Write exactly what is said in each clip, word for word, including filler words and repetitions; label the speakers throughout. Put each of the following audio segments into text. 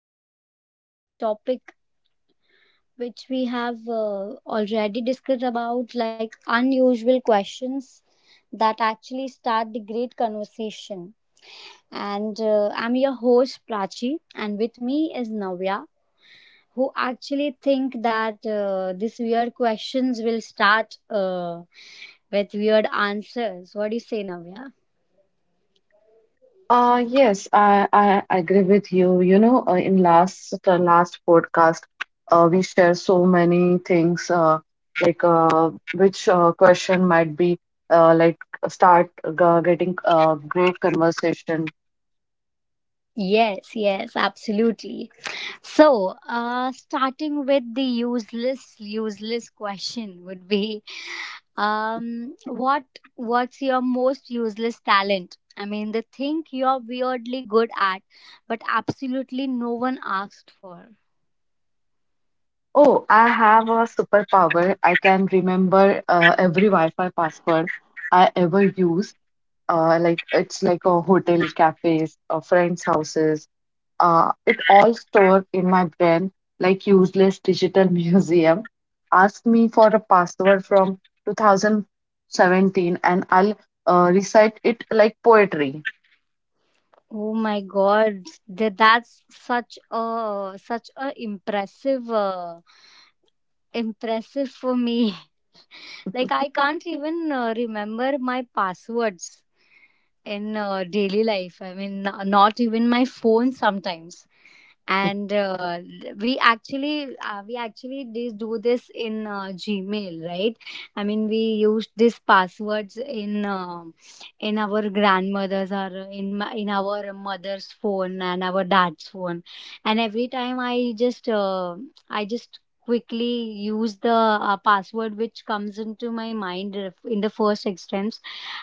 Speaker 1: continuing the topic which we have uh, already discussed about like unusual questions that actually start the great conversation. And uh, I'm your host Prachi and with me is Navya who actually think that uh, these weird questions will start uh, with weird answers. What do you say, Navya?
Speaker 2: Uh, yes, I, I agree with you. You know, uh, in last the last podcast, uh, we share so many things, uh, like uh, which uh, question might be uh, like start g- getting a great conversation.
Speaker 1: Yes, yes, absolutely. So, uh, starting with the useless, useless question would be, um, what what's your most useless talent? I mean, the thing you're weirdly good at, but absolutely no one asked for.
Speaker 2: Oh, I have a superpower. I can remember uh, every Wi-Fi password I ever use. Uh, like it's like a hotel, cafes, uh, friends' houses, uh, it all stored in my brain like useless digital museum. Ask me for a password from two thousand seventeen, and I'll uh, recite it like poetry.
Speaker 1: Oh my God, th- that's such a such a impressive, uh, impressive for me. Like I can't even uh, remember my passwords in uh, daily life. I mean, n- not even my phone sometimes. And uh, we actually uh, we actually did do this in uh, gmail, right? I mean, we used these passwords in uh, in our grandmother's, or in my, in our mother's phone and our dad's phone. And every time I just uh, I just quickly use the uh, password which comes into my mind in the first instance,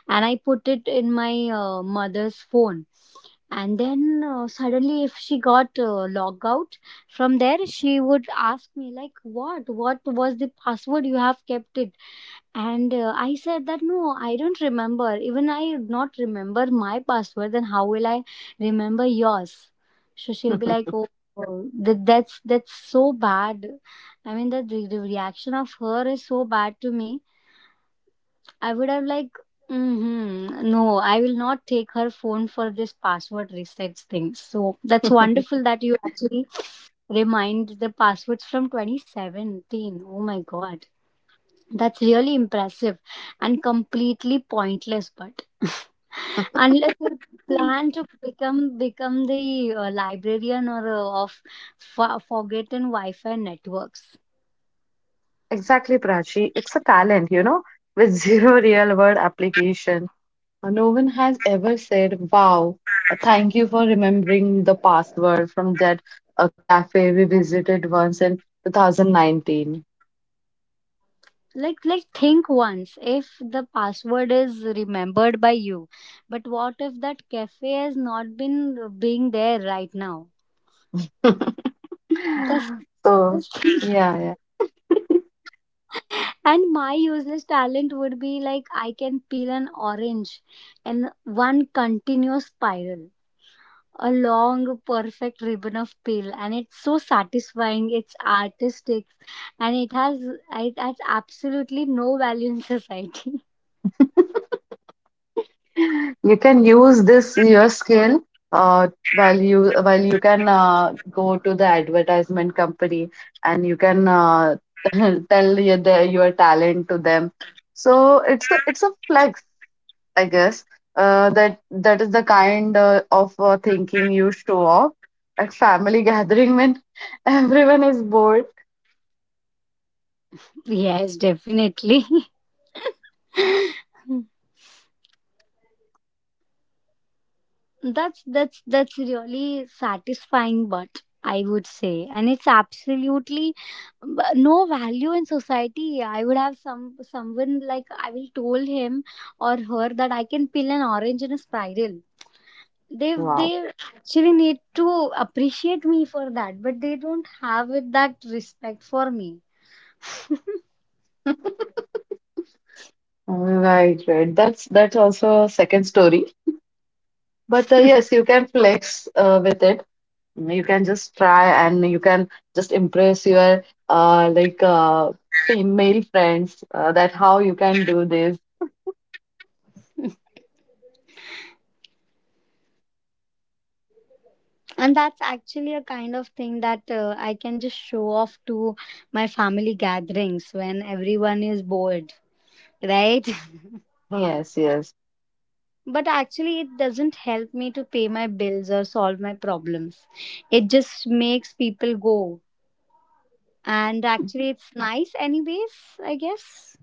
Speaker 1: and I put it in my uh, mother's phone. And then uh, suddenly if she got uh, logged out from there, she would ask me like, what what was the password you have kept it. And uh, I said that no, I don't remember, even I not remember my password, then how will I remember yours? So she'll be like, oh. Oh, that, that's that's so bad. I mean, the, the reaction of her is so bad to me. I would have like, mm-hmm, no, I will not take her phone for this password resets thing. So that's wonderful that you actually remind the passwords from twenty seventeen. Oh my god, that's really impressive and completely pointless. But unless you plan to become become the uh, librarian or uh, of fo- forgotten Wi-Fi networks.
Speaker 2: Exactly, Prachi. It's a talent, you know, with zero real world application. Uh, No one has ever said, wow, uh, thank you for remembering the password from that uh, cafe we visited once in two thousand nineteen.
Speaker 1: like like think once, if the password is remembered by you, but what if that cafe has not been being there right now? just,
Speaker 2: So,
Speaker 1: just think.
Speaker 2: yeah, yeah.
Speaker 1: And my useless talent would be like, I can peel an orange in one continuous spiral, a long perfect ribbon of peel, and it's so satisfying, it's artistic, and it has it has absolutely no value in society.
Speaker 2: You can use this your skill uh, while you while you can uh, go to the advertisement company, and you can uh, tell your their, your talent to them. So it's a, it's a flex, I guess. Uh, that that is the kind uh, of uh, thinking you show off at family gathering when everyone is bored.
Speaker 1: Yes, definitely. That's that's that's really satisfying, but I would say, and it's absolutely b- no value in society. I would have some someone, like I will told him or her that I can peel an orange in a spiral. They
Speaker 2: Wow.
Speaker 1: they actually need to appreciate me for that, but they don't have it that respect for me.
Speaker 2: Right, right. That's that's also a second story. But uh, yes, you can flex uh, with it. You can just try, and you can just impress your uh, like uh, female friends uh, that how you can do this.
Speaker 1: And that's actually a kind of thing that uh, I can just show off to my family gatherings when everyone is bored, right?
Speaker 2: Yes, yes.
Speaker 1: But actually it doesn't help me to pay my bills or solve my problems. It just makes people go, and actually it's nice anyways, I guess.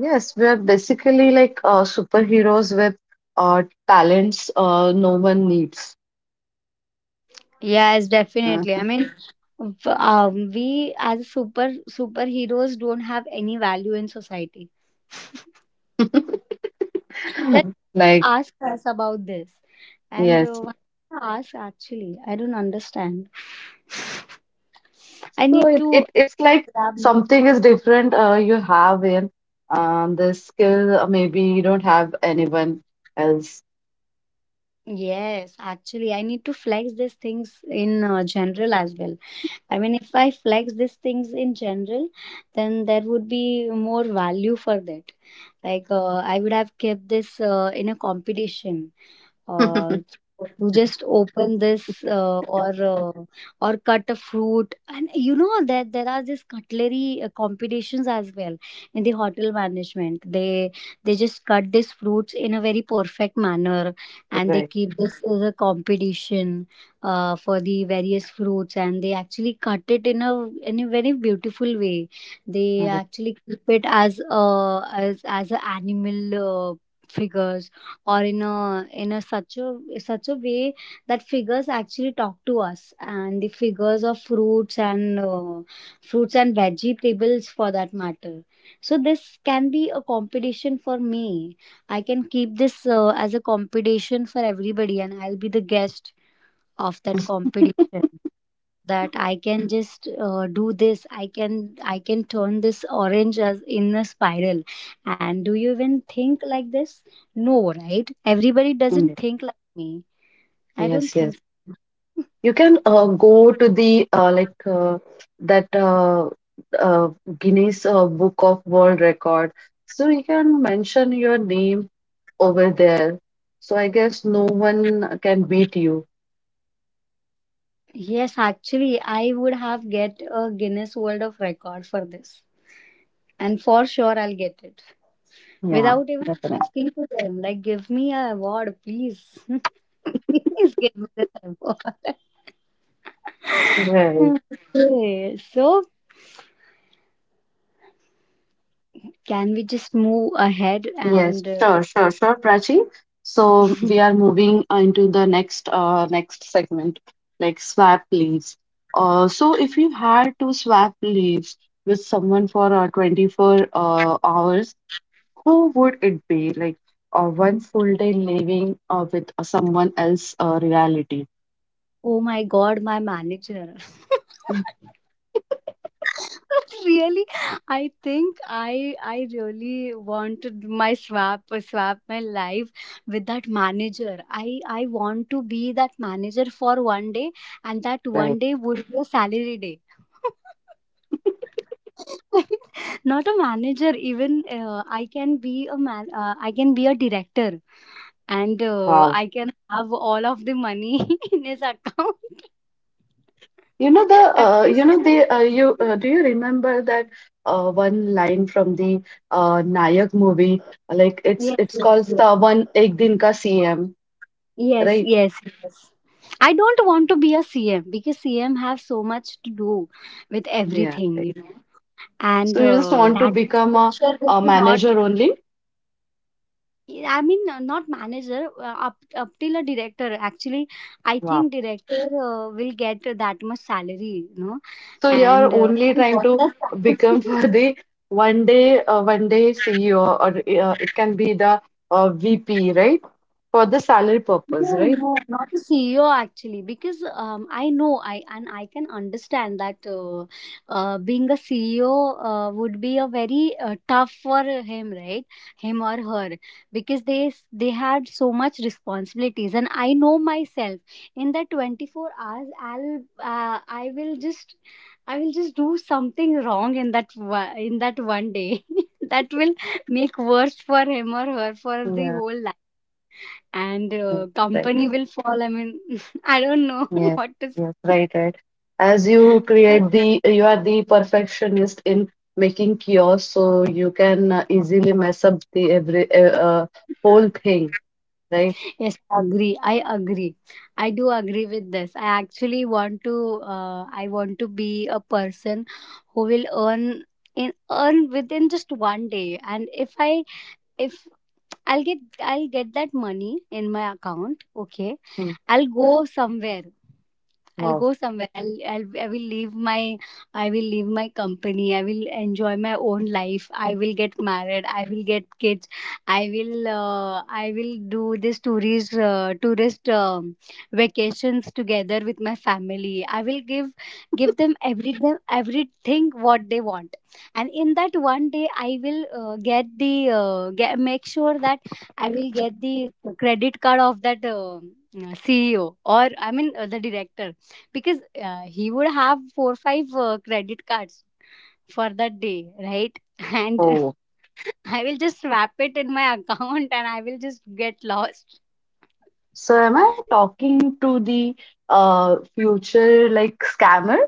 Speaker 2: Yes, we are basically like uh, superheroes with uh, talents uh, no one needs.
Speaker 1: Yes, definitely, I
Speaker 2: Mhm.
Speaker 1: mean, v- um, we as super superheroes don't have any value in society. That,
Speaker 2: Like,
Speaker 1: ask us about this. And uh,
Speaker 2: yes.
Speaker 1: why ask, actually I don't understand. I
Speaker 2: So
Speaker 1: need
Speaker 2: it,
Speaker 1: to
Speaker 2: it it's like
Speaker 1: grab more-
Speaker 2: something is different, uh, you have in um the skill, uh, maybe you don't have anyone else.
Speaker 1: yes, actually I need to flex these things in uh, general as well. I mean, if I flex these things in general, then there would be more value for that. Like, uh, I would have kept this uh, in a competition, uh, to just open this uh, or uh, or cut a fruit. And you know that there are these cutlery uh, competitions as well in the hotel management. They they just cut these fruits in a very perfect manner, and they
Speaker 2: Right.
Speaker 1: keep this as a competition uh, for the various fruits. And they actually cut it in a in a very beautiful way. They
Speaker 2: Right.
Speaker 1: actually keep it as a as as an animal, uh, figures, or in a in a such a such a way that figures actually talk to us, and the figures of fruits and uh, fruits and vegetables, for that matter. So this can be a competition for me. I can keep this uh, as a competition for everybody, and I'll be the guest of that competition. That I can just uh, do this. i can I can turn this orange as in a spiral. And do you even think like this? No, right? Everybody
Speaker 2: Mm.
Speaker 1: doesn't think like me. I don't
Speaker 2: Yes, yes.
Speaker 1: think so.
Speaker 2: You can uh, go to the uh, like uh, that uh, uh, Guinness uh, Book of World Record. So you can mention your name over there. So I guess no one can beat you.
Speaker 1: Yes, actually I would have get a Guinness world of record for this, and for sure I'll get it,
Speaker 2: Yeah,
Speaker 1: without even
Speaker 2: definitely.
Speaker 1: asking to them like, give me a award please. Please give me the award.
Speaker 2: Right.
Speaker 1: Okay, so can we just move ahead?
Speaker 2: Yes,
Speaker 1: And uh,
Speaker 2: sure, sure, sure, Prachi. So we are moving uh, into the next uh next segment, like swap leaves. Uh, so if you had to swap leaves with someone for uh, twenty-four uh, hours, who would it be? Like uh, one full day living uh, with uh, someone else uh, reality.
Speaker 1: oh my God, my manager. Really, i think i i really wanted my swap swap my life with that manager. I i want to be that manager for one day, and that
Speaker 2: Right.
Speaker 1: one day would be a salary day. Not a manager, even uh, I can be a man uh, I can be a director. And uh,
Speaker 2: Wow.
Speaker 1: I can have all of the money in his account.
Speaker 2: You know the
Speaker 1: At
Speaker 2: uh,
Speaker 1: least—
Speaker 2: you know the uh, you uh, Do you remember that uh, one line from the uh, Nayak movie? Like it's
Speaker 1: Yes,
Speaker 2: it's called
Speaker 1: yes,
Speaker 2: the one Ek Din Ka C M,
Speaker 1: yes,
Speaker 2: right?
Speaker 1: yes, yes. Yes. I don't want to be a C M, because C M have so much to do with
Speaker 2: Yeah,
Speaker 1: everything,
Speaker 2: right.
Speaker 1: you know, and
Speaker 2: So you just
Speaker 1: uh,
Speaker 2: want to
Speaker 1: that much
Speaker 2: become a,
Speaker 1: pressure will
Speaker 2: a
Speaker 1: be not.
Speaker 2: manager only?
Speaker 1: I mean, uh, not manager uh, up up till a director. Actually, I
Speaker 2: Wow.
Speaker 1: think director uh, will get that much salary, you know.
Speaker 2: So
Speaker 1: And
Speaker 2: you're
Speaker 1: uh,
Speaker 2: only
Speaker 1: I
Speaker 2: trying
Speaker 1: want
Speaker 2: to
Speaker 1: the
Speaker 2: become
Speaker 1: salary.
Speaker 2: for the one day uh, one day C E O, or uh, it can be the uh, V P, right? For the salary purpose,
Speaker 1: No,
Speaker 2: right?
Speaker 1: no, not a C E O actually, because um, I know I, and I can understand that uh, uh, being a C E O uh, would be a very uh, tough for him, right? Him or her, because they s- they had so much responsibilities, and I know myself. In that twenty four hours, I'll uh, I will just I will just do something wrong in that one- in that one day that will make worse for him or her for the
Speaker 2: Yeah,
Speaker 1: whole. And
Speaker 2: yeah,
Speaker 1: uh,
Speaker 2: right.
Speaker 1: company will fall. I mean, I don't know
Speaker 2: Yes,
Speaker 1: what to
Speaker 2: yes,
Speaker 1: say.
Speaker 2: right, right. As you create the, you are the perfectionist in making chaos, so you can uh, easily mess up the every uh, uh, whole thing, right?
Speaker 1: Yes, I agree. I agree. I do agree with this. I actually want to. Uh, I want to be a person who will earn in earn within just one day. And if I— if I'll get— I'll get that money in my account. Okay,
Speaker 2: Hmm.
Speaker 1: I'll go somewhere. I'll
Speaker 2: Wow.
Speaker 1: go somewhere. I'll, I'll I will leave my— I will leave my company. I will enjoy my own life. I will get married. I will get kids. I will uh, I will do this tourist uh, tourist um, vacations together with my family. I will give give them every them everything what they want. And in that one day, I will uh, get the uh, get, make sure that I will get the credit card of that um, C E O, or I mean uh, the director, because uh, he would have four five uh, credit cards for that day, right? And
Speaker 2: Oh,
Speaker 1: I will just wrap it in my account, and I will just get lost.
Speaker 2: so am I talking to the uh future like scammer?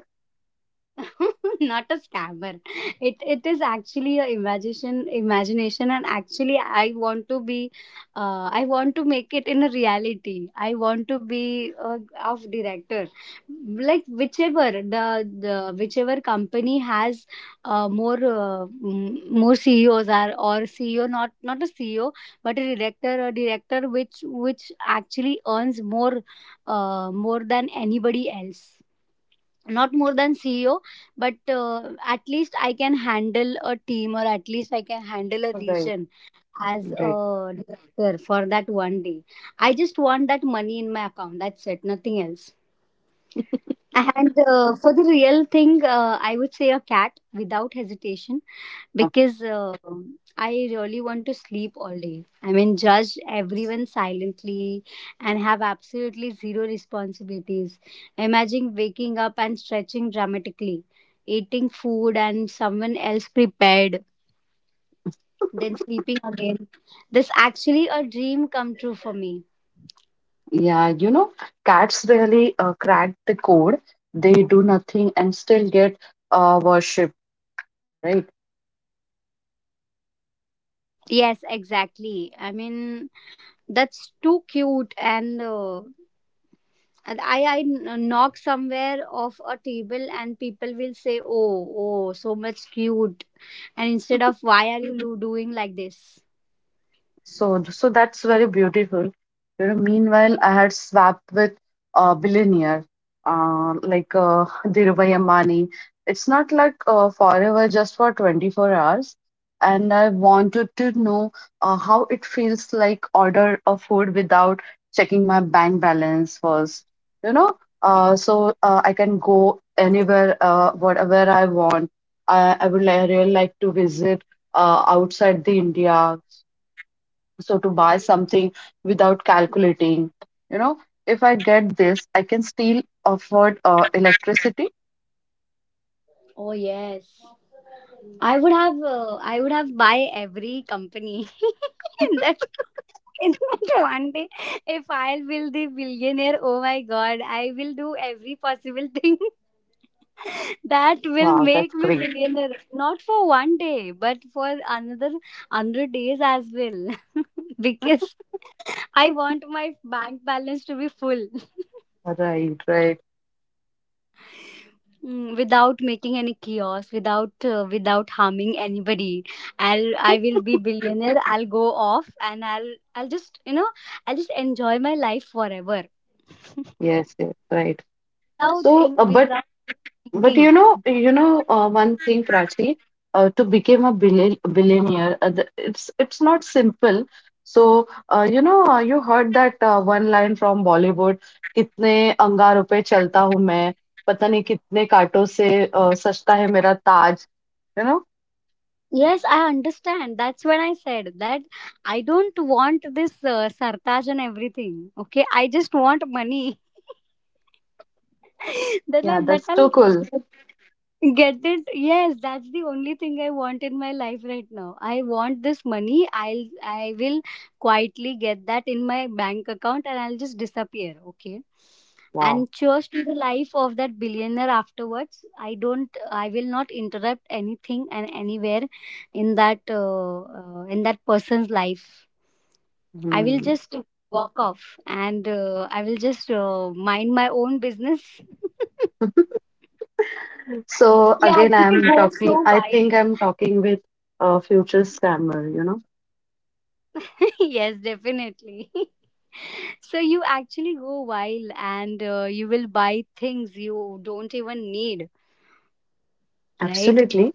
Speaker 1: Not a scammer. It it is actually a imagination imagination, and actually I want to be uh, I want to make it in a reality. I want to be a of director. Like, whichever the the whichever company has uh, more uh, mm, more C E Os are, or C E O— not, not a C E O, but a director, a director which which actually earns more, uh, more than anybody else, not more than CEO. But uh, at least I can handle a team, or at least I can handle a
Speaker 2: Right,
Speaker 1: region as
Speaker 2: right.
Speaker 1: a director for that one day. I just want that money in my account, that's it, nothing else. And uh, for the real thing, uh, I would say a cat, without hesitation.
Speaker 2: Okay.
Speaker 1: Because uh, I really want to sleep all day. I mean, judge everyone silently, and have absolutely zero responsibilities. Imagine waking up and stretching dramatically, eating food and someone else prepared, then sleeping again. This actually a dream come true for me.
Speaker 2: Yeah, you know, cats really uh, crack the code. They do nothing and still get uh, worship, right?
Speaker 1: Yes, exactly. I mean, that's too cute. and. Uh, and I I kn- knock somewhere off a table and people will say, "Oh, oh, so much cute," and instead of, "Why are you do- doing like this?"
Speaker 2: So, so that's very beautiful. You know, meanwhile, I had swapped with a billionaire, uh, like uh, Dhirubhai Ambani. It's not like uh, forever, just for twenty-four hours. And I wanted to know uh, how it feels like order a food without checking my bank balance first. You know, uh, so uh, I can go anywhere, uh, whatever I want. I, I would li- really like to visit uh, outside the India so to buy something without calculating, you know, if I get this, I can still afford uh, electricity.
Speaker 1: Oh yes, I would have uh, I would have buy every company in that in that one day. If I will the billionaire, oh my god, I will do every possible thing that will
Speaker 2: Wow, that's
Speaker 1: make me
Speaker 2: great.
Speaker 1: billionaire. Not for one day, but for another hundred days as well. Because I want my bank balance to be full.
Speaker 2: Right, right.
Speaker 1: Mm, without making any chaos, without uh, without harming anybody. I'll I will be billionaire. I'll go off, and I'll I'll just, you know, I'll just enjoy my life forever.
Speaker 2: Yes, yes, right.
Speaker 1: Without
Speaker 2: So, uh,
Speaker 1: in,
Speaker 2: but
Speaker 1: without
Speaker 2: but you
Speaker 1: thinking.
Speaker 2: know, you know, uh, one thing, Prachi, uh, to become a billi- billionaire, uh, the, it's it's not simple. So, uh, you know, uh, you heard that uh, one line from Bollywood, कितने अंगारों पे चलता हूँ मैं, पता नहीं कितने कांटों से uh, सजता है मेरा ताज. You know.
Speaker 1: Yes, I understand. That's when I said that I don't want this uh, sartaj and everything. Okay, I just want money. that
Speaker 2: Yeah,
Speaker 1: I, that
Speaker 2: that's
Speaker 1: I'll
Speaker 2: so cool.
Speaker 1: Get it? Yes, that's the only thing I want in my life right now. I want this money. I'll I will quietly get that in my bank account and I'll just disappear. Okay.
Speaker 2: Wow.
Speaker 1: And cheers to the life of that billionaire afterwards. I don't, I will not interrupt anything and anywhere in that uh, uh, in that person's life. I will
Speaker 2: Hmm.
Speaker 1: just walk off and uh, I will just uh, mind my own business.
Speaker 2: So
Speaker 1: Yeah,
Speaker 2: again,
Speaker 1: actually
Speaker 2: i'm
Speaker 1: goes
Speaker 2: talking
Speaker 1: so
Speaker 2: I
Speaker 1: wild.
Speaker 2: think I'm talking with a future scammer, you know.
Speaker 1: Yes, definitely. So you actually go wild and uh, you will buy things you don't even need, right?
Speaker 2: Absolutely.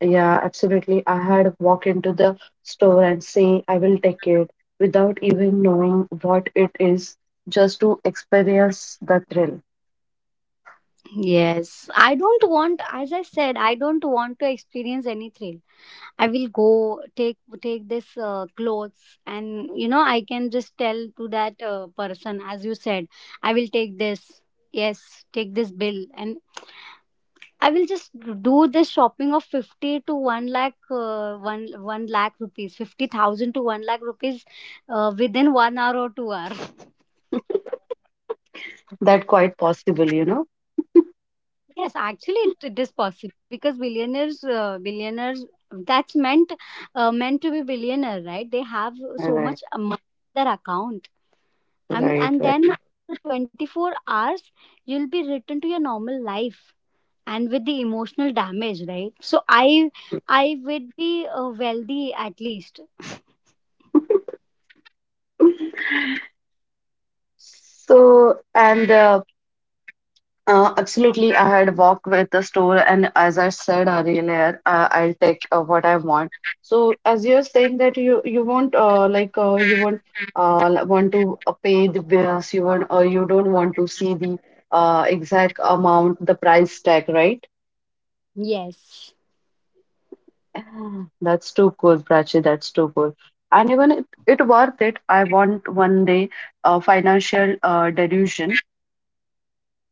Speaker 2: Yeah, absolutely, I had walk into the store and say I will take it without even knowing what it is, just to experience the thrill.
Speaker 1: Yes. I don't want, as I said, I don't want to experience any thrill. I will go take take this uh, clothes, and you know I can just tell to that uh, person, as you said, I will take this. Yes, take this bill and I will just do this shopping of fifty to one lakh, uh, one, one lakh rupees, fifty thousand to one lakh rupees uh, within one hour or two hour.
Speaker 2: That quite possible, you know.
Speaker 1: Yes, actually, it, it is possible because billionaires, uh, billionaires, that's meant uh, meant to be billionaire, right? They have so
Speaker 2: Right,
Speaker 1: much money in their account, and
Speaker 2: right,
Speaker 1: and
Speaker 2: right.
Speaker 1: then after twenty-four hours, you'll be returned to your normal life and with the emotional damage, right? So I I would be uh, wealthy at least.
Speaker 2: So and uh, Uh, absolutely. I had walked with the store, and as I said earlier, uh, I'll take uh, what I want. So, as you're saying that you you won't uh, like uh, you won't uh, l- want to uh, pay the bills, you won't uh, you don't want to see the uh, exact amount, the price tag, right?
Speaker 1: Yes.
Speaker 2: That's too cool, Prachi. That's too cool. And even it, it worth it. I want one day uh, financial uh, delusion.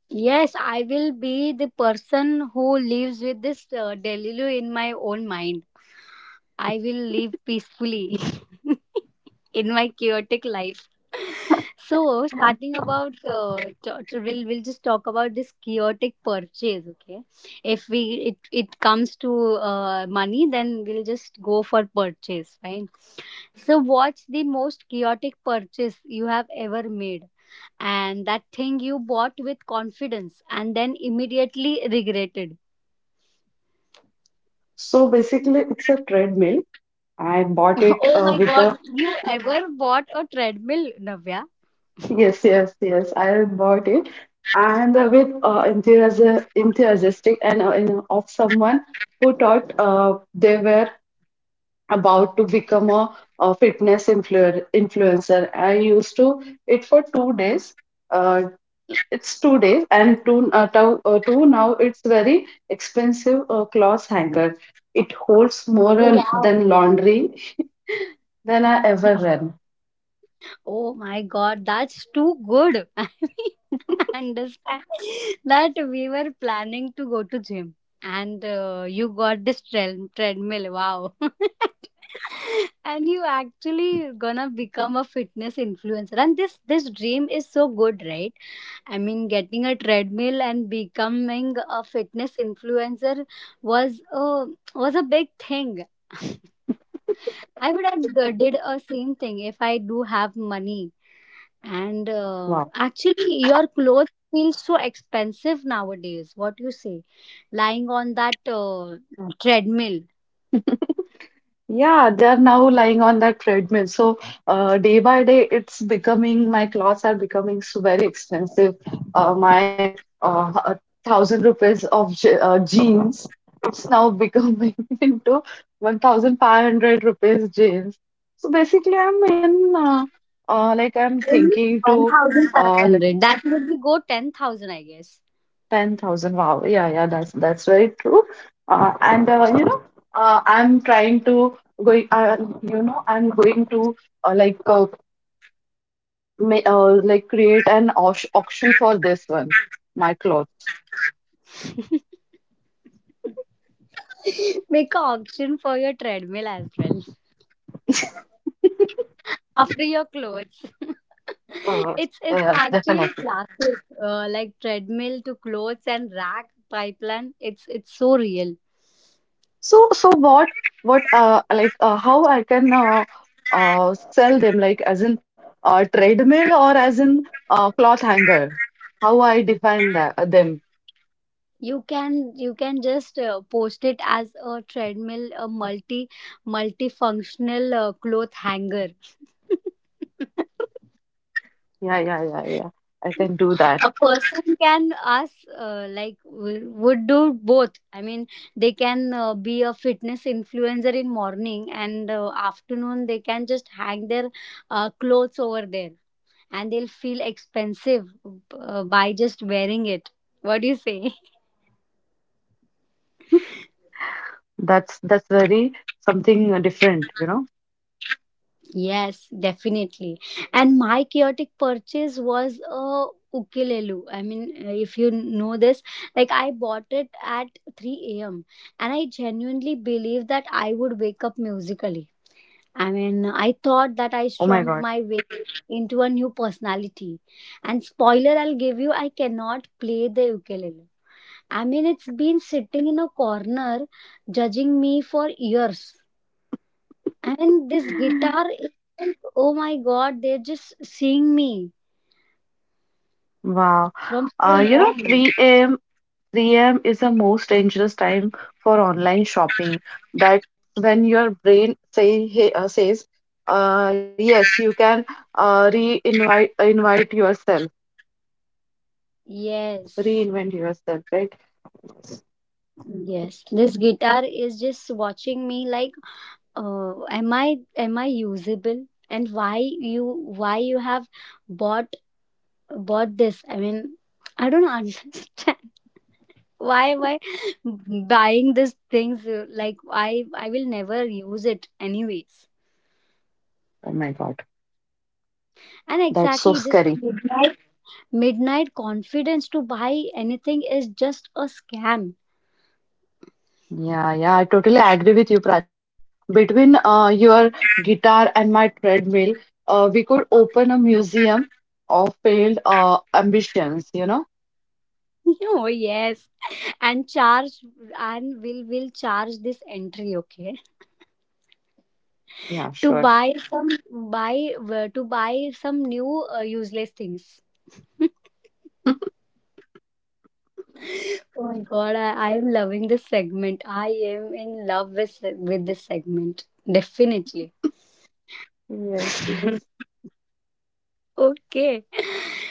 Speaker 1: Yes, I will be the person who lives with this uh, deluge in my own mind. I will live peacefully in my chaotic life. So, starting about, uh, to- to- we'll, we'll just talk about this chaotic purchase, okay? If we it, it comes to uh, money, then we'll just go for purchase, fine? So, what's the most chaotic purchase you have ever made? And that thing you bought with confidence and then immediately regretted.
Speaker 2: So basically, it's a treadmill. I bought it
Speaker 1: Oh
Speaker 2: uh,
Speaker 1: my
Speaker 2: with
Speaker 1: god,
Speaker 2: the
Speaker 1: you ever bought a treadmill, Navya?
Speaker 2: Yes, yes, yes. I bought it, and uh, with uh, enthusiasm, enthusiastic, and uh, you know, of someone who thought uh, they were about to become a, a fitness influ influencer. I used to it for two days. Uh, it's two days, and two, uh, two, uh, two now it's very expensive uh, clothes hanger. It holds more uh,
Speaker 1: Wow.
Speaker 2: than laundry than I ever ran.
Speaker 1: Oh my god, that's too good. I understand that we were planning to go to gym, and uh, you got this tre- treadmill. Wow. And you actually gonna become a fitness influencer, and this this dream is so good, right? I mean, getting a treadmill and becoming a fitness influencer was a was a big thing. I would have d- did a same thing if I do have money. And
Speaker 2: Wow.
Speaker 1: uh, actually, your clothes feel so expensive nowadays. What you say, lying on that uh, treadmill,
Speaker 2: Yeah, they are now lying on that treadmill. So uh, day by day, it's becoming my clothes are becoming so very expensive. Uh, my uh, a thousand rupees of je- uh, jeans, it's now becoming into one thousand five hundred rupees jeans. So basically, I'm even uh, uh, like I'm
Speaker 1: only
Speaker 2: thinking
Speaker 1: one
Speaker 2: to
Speaker 1: thousand five
Speaker 2: uh, like,
Speaker 1: hundred. That would be go ten thousand, I guess.
Speaker 2: ten thousand. Wow. Yeah, yeah, that's that's very true. Uh, and uh, you know, uh, I'm trying to going. Uh, you know, I'm going to uh, like uh, ma uh, like create an auc- auction for this one, my clothes.
Speaker 1: Make an auction for your treadmill as well after your clothes. it's
Speaker 2: Yes,
Speaker 1: it's
Speaker 2: yes,
Speaker 1: actually
Speaker 2: definitely.
Speaker 1: classic, uh, like treadmill to clothes and rack pipeline. It's it's so real.
Speaker 2: So, so what, what, uh, like, uh, how I can uh, uh, sell them, like, as in uh, treadmill or as in uh, cloth hanger? How I define that, uh, them?
Speaker 1: You can you can just uh, post it as a treadmill, a multi multifunctional uh, cloth hanger.
Speaker 2: Yeah, yeah, yeah, yeah. I can do that.
Speaker 1: A person can us uh, like w- would do both. I mean, they can uh, be a fitness influencer in morning, and uh, afternoon they can just hang their uh, clothes over there, and they'll feel expensive uh, by just wearing it. What do you say?
Speaker 2: That's that's very something uh, different, you know.
Speaker 1: Yes, definitely. And my chaotic purchase was a ukulele. I mean, uh, if you know this, like I bought it at three a m and I genuinely believed that I would wake up musically. I mean, I thought that
Speaker 2: Oh
Speaker 1: I
Speaker 2: my God.
Speaker 1: strummed my way into a new personality. And spoiler, I'll give you, I cannot play the ukulele. I mean, it's been sitting in a corner judging me for years. And this guitar is like, oh my god, they're just seeing me
Speaker 2: Wow.
Speaker 1: from so
Speaker 2: Uh, you know,
Speaker 1: long.
Speaker 2: three a m three a m is the most dangerous time for online shopping. That's when your brain say hey, uh, says, uh, yes, you can uh, re-invite invite yourself,
Speaker 1: Yes,
Speaker 2: reinvent yourself, right?
Speaker 1: yes. This guitar is just watching me like, uh, am I am I usable? And why you why you have bought bought this? I mean, I don't understand. Why am I buying these things, uh, like i i will never use it anyways.
Speaker 2: Oh my God,
Speaker 1: And
Speaker 2: that's so
Speaker 1: exactly this
Speaker 2: scary.
Speaker 1: midnight, midnight confidence to buy anything is just a scam.
Speaker 2: Yeah, yeah, I totally agree with you, Prachi. Between uh, your guitar and my treadmill, uh, we could open a museum of failed uh, ambitions, you know?
Speaker 1: Oh yes. And charge and will will charge this entry, okay,
Speaker 2: Yeah, sure.
Speaker 1: to buy some buy uh, to buy some new uh, useless things. Oh my god, I, I am loving this segment. I am in love with with this segment, definitely.
Speaker 2: Yes, yes.
Speaker 1: Okay.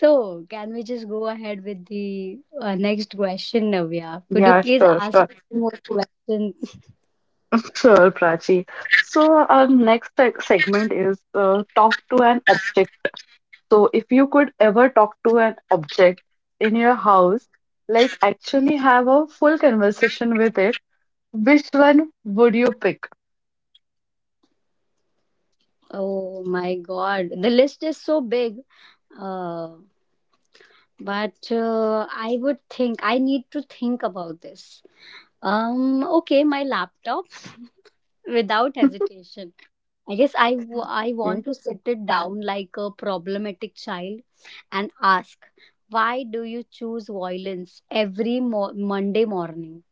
Speaker 1: So, can we just go ahead with the uh, next question, Navya? Could you
Speaker 2: Yeah,
Speaker 1: please
Speaker 2: sure,
Speaker 1: ask
Speaker 2: sure.
Speaker 1: us some more questions?
Speaker 2: Sure, Prachi. So our next seg- segment is uh, talk to an object. So if you could ever talk to an object in your house, like actually have a full conversation with it, which one would you pick?
Speaker 1: Oh my God, the list is so big. Uh, but uh, I would think I need to think about this. Um, okay, my laptop without hesitation. I guess I, w- I want to sit it down like a problematic child and ask, why do you choose violence every mo- Monday morning?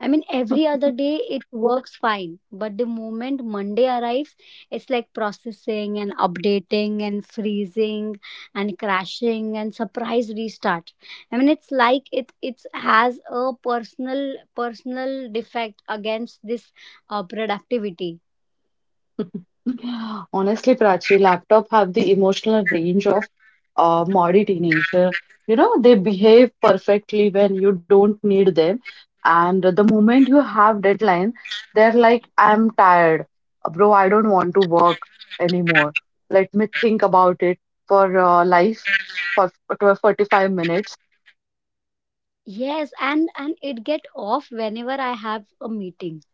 Speaker 1: I mean, every other day it works fine, but the moment Monday arrives, it's like processing and updating and freezing and crashing and surprise restart. I mean, it's like it it has a personal personal defect against this uh, productivity.
Speaker 2: Honestly, Prachi, laptop have the emotional range of a modern teenager. You know, they behave perfectly when you don't need them. And the moment you have deadline, they're like, I'm tired. Bro, I don't want to work anymore. Let me think about it for uh, life for twelve, forty-five minutes.
Speaker 1: Yes, and and it get off whenever I have a meeting.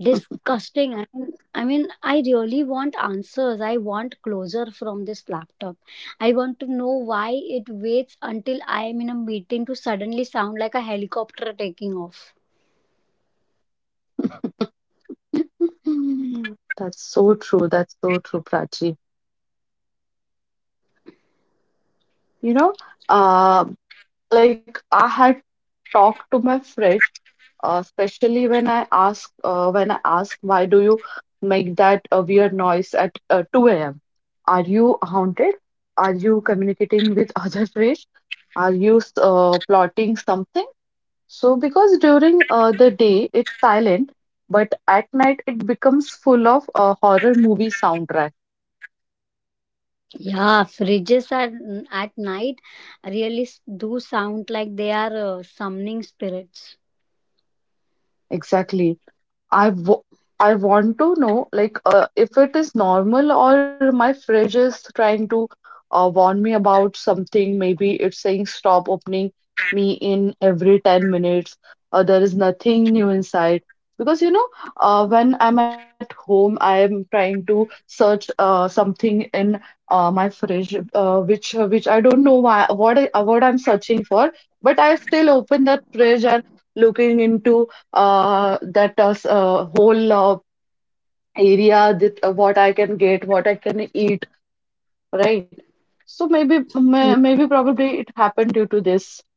Speaker 1: Disgusting. I mean, I mean, I really want answers. I want closure from this laptop. I want to know why it waits until I am in a meeting to suddenly sound like a helicopter taking off.
Speaker 2: Hmm. That's so true. That's so true, Prachi. You know, uh, like I had talk to my fridge, uh, especially when I ask uh, when I ask why do you make that uh, weird noise at uh, two a m. Are you haunted? Are you communicating with other fish? Are you uh, plotting something? So, because during uh, the day it's silent, but at night it becomes full of a horror movie soundtrack.
Speaker 1: Yeah, fridges are at night really s- do sound like they are uh, summoning spirits.
Speaker 2: Exactly. I w- I want to know like uh, if it is normal, or my fridge is trying to uh, warn me about something. Maybe it's saying, stop opening me in every ten minutes. Uh, there is nothing new inside. Because you know, uh, when I'm at home, I am trying to search uh, something in uh, my fridge, uh, which uh, which I don't know why what I, what I'm searching for, but I still open that fridge and looking into uh, that uh, s- uh, whole uh, area, that uh, what I can get, what I can eat, right? So maybe may, maybe probably it happened due to this.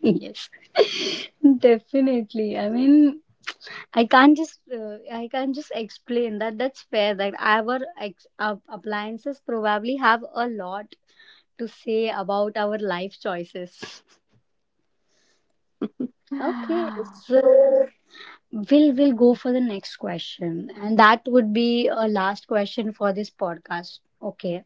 Speaker 1: Yes, definitely. I mean, I can't just uh, I can't just explain that, that's fair that our ex- uh, appliances probably have a lot to say about our life choices. Okay, so we'll we'll go for the next question, and that would be a last question for this podcast. Okay,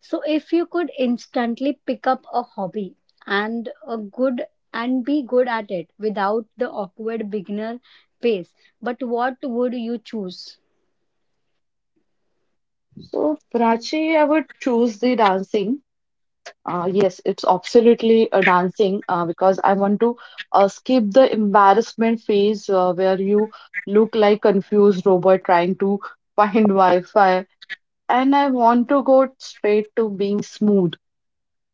Speaker 1: so if you could instantly pick up a hobby and a good and be good at it without the awkward beginner pace, but what would you choose?
Speaker 2: So, Prachi, I would choose the dancing. Uh, yes, it's absolutely a dancing uh, because I want to uh, skip the embarrassment phase uh, where you look like confused robot trying to find Wi-Fi, and I want to go straight to being smooth,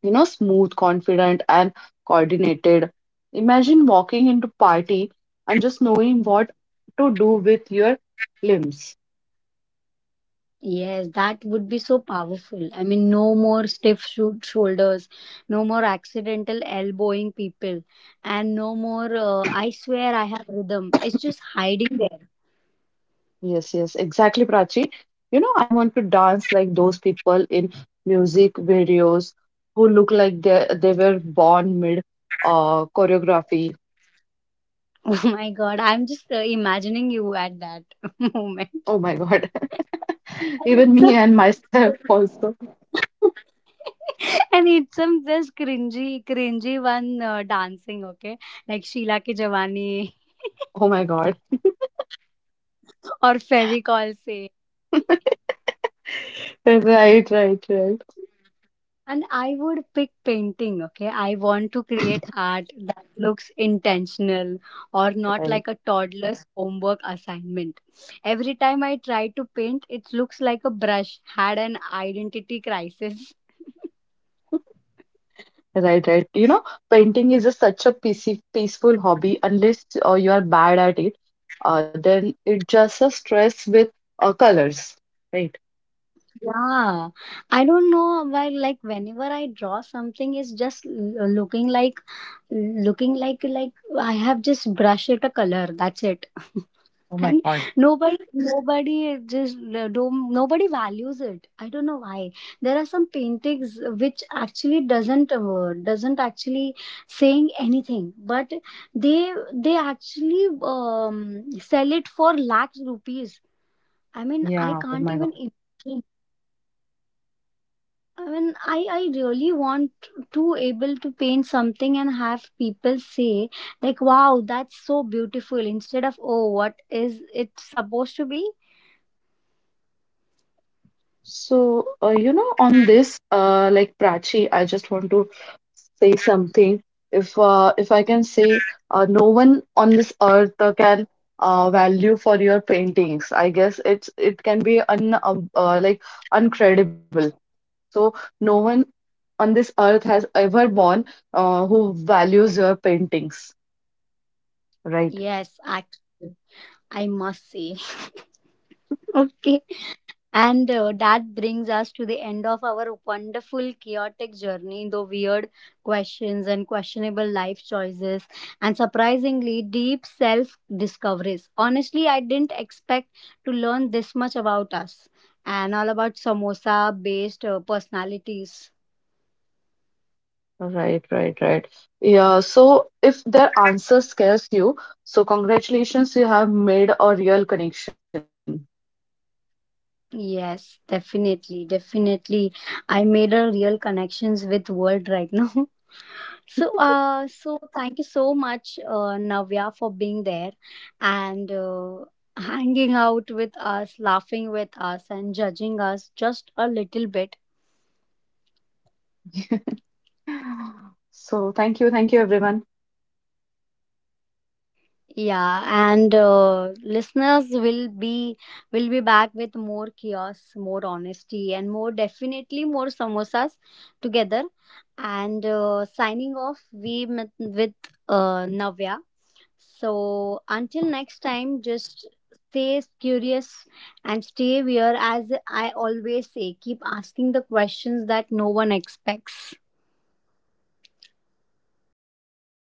Speaker 2: you know, smooth, confident, and coordinated. Imagine walking into party and just knowing what to do with your limbs.
Speaker 1: Yes, that would be so powerful. I mean, no more stiff shou- shoulders, no more accidental elbowing people, and no more, uh, I swear I have rhythm. It's just hiding there.
Speaker 2: Yes, yes, exactly, Prachi. You know, I want to dance like those people in music videos who look like they they were born mid uh, choreography.
Speaker 1: Oh my god, I'm just uh, imagining you at that
Speaker 2: Oh
Speaker 1: moment.
Speaker 2: my God.
Speaker 1: And
Speaker 2: Even
Speaker 1: it's
Speaker 2: me
Speaker 1: a-
Speaker 2: and myself also.
Speaker 1: and it's some just cringy, cringy one uh, dancing, okay? Like Sheila Ki Jawani
Speaker 2: Oh my God.
Speaker 1: or Fevicol Se.
Speaker 2: Right, right, right.
Speaker 1: And I would pick painting, okay? I want to create art that looks intentional or not like
Speaker 2: Right.
Speaker 1: a toddler's homework assignment. Every time I try to paint, it looks like a brush had an identity crisis.
Speaker 2: Right, right. You know, painting is just such a peace- peaceful hobby. Unless uh, you are bad at it, uh, then it just a stress with uh, colors. Right.
Speaker 1: Yeah. I don't know why, like whenever I draw something, it's just l- looking like looking like like I have just brushed it a color. That's it.
Speaker 2: Oh
Speaker 1: And
Speaker 2: my God.
Speaker 1: nobody nobody just uh, don't nobody values it. I don't know why. There are some paintings which actually doesn't uh, doesn't actually saying anything, but they they actually um, sell it for lakhs rupees. I mean, I
Speaker 2: Yeah, oh
Speaker 1: can't
Speaker 2: my
Speaker 1: even
Speaker 2: God.
Speaker 1: imagine. I mean, I, I really want to able to paint something and have people say like, wow, that's so beautiful, instead of, oh, what is it supposed to be?
Speaker 2: So, uh, you know, on this, uh, like Prachi, I just want to say something. If uh, if I can say, uh, no one on this earth uh, can uh, value for your paintings. I guess it's it can be un um, uh, like uncredible. So no one on this earth has ever born uh, who values your paintings. Right,
Speaker 1: Yes, actually, I must say. Okay. And uh, that brings us to the end of our wonderful, chaotic journey, though weird questions and questionable life choices, and surprisingly, deep self discoveries. Honestly, I didn't expect to learn this much about us and all about samosa based uh, personalities.
Speaker 2: right, right, right. Yeah, so if their answer scares you, so congratulations, you have made a real connection.
Speaker 1: Yes, definitely, definitely. I made a real connections with world right now. So, uh, so thank you so much, uh, Navya, for being there and uh, hanging out with us, laughing with us, and judging us just a little bit.
Speaker 2: So thank you, thank you, everyone.
Speaker 1: Yeah, and uh, listeners will be will be back with more chaos, more honesty, and more definitely more samosas together. And uh, signing off, we met with uh, Navya. So until next time, just stay curious and stay aware. As I always say, keep asking the questions that no one expects.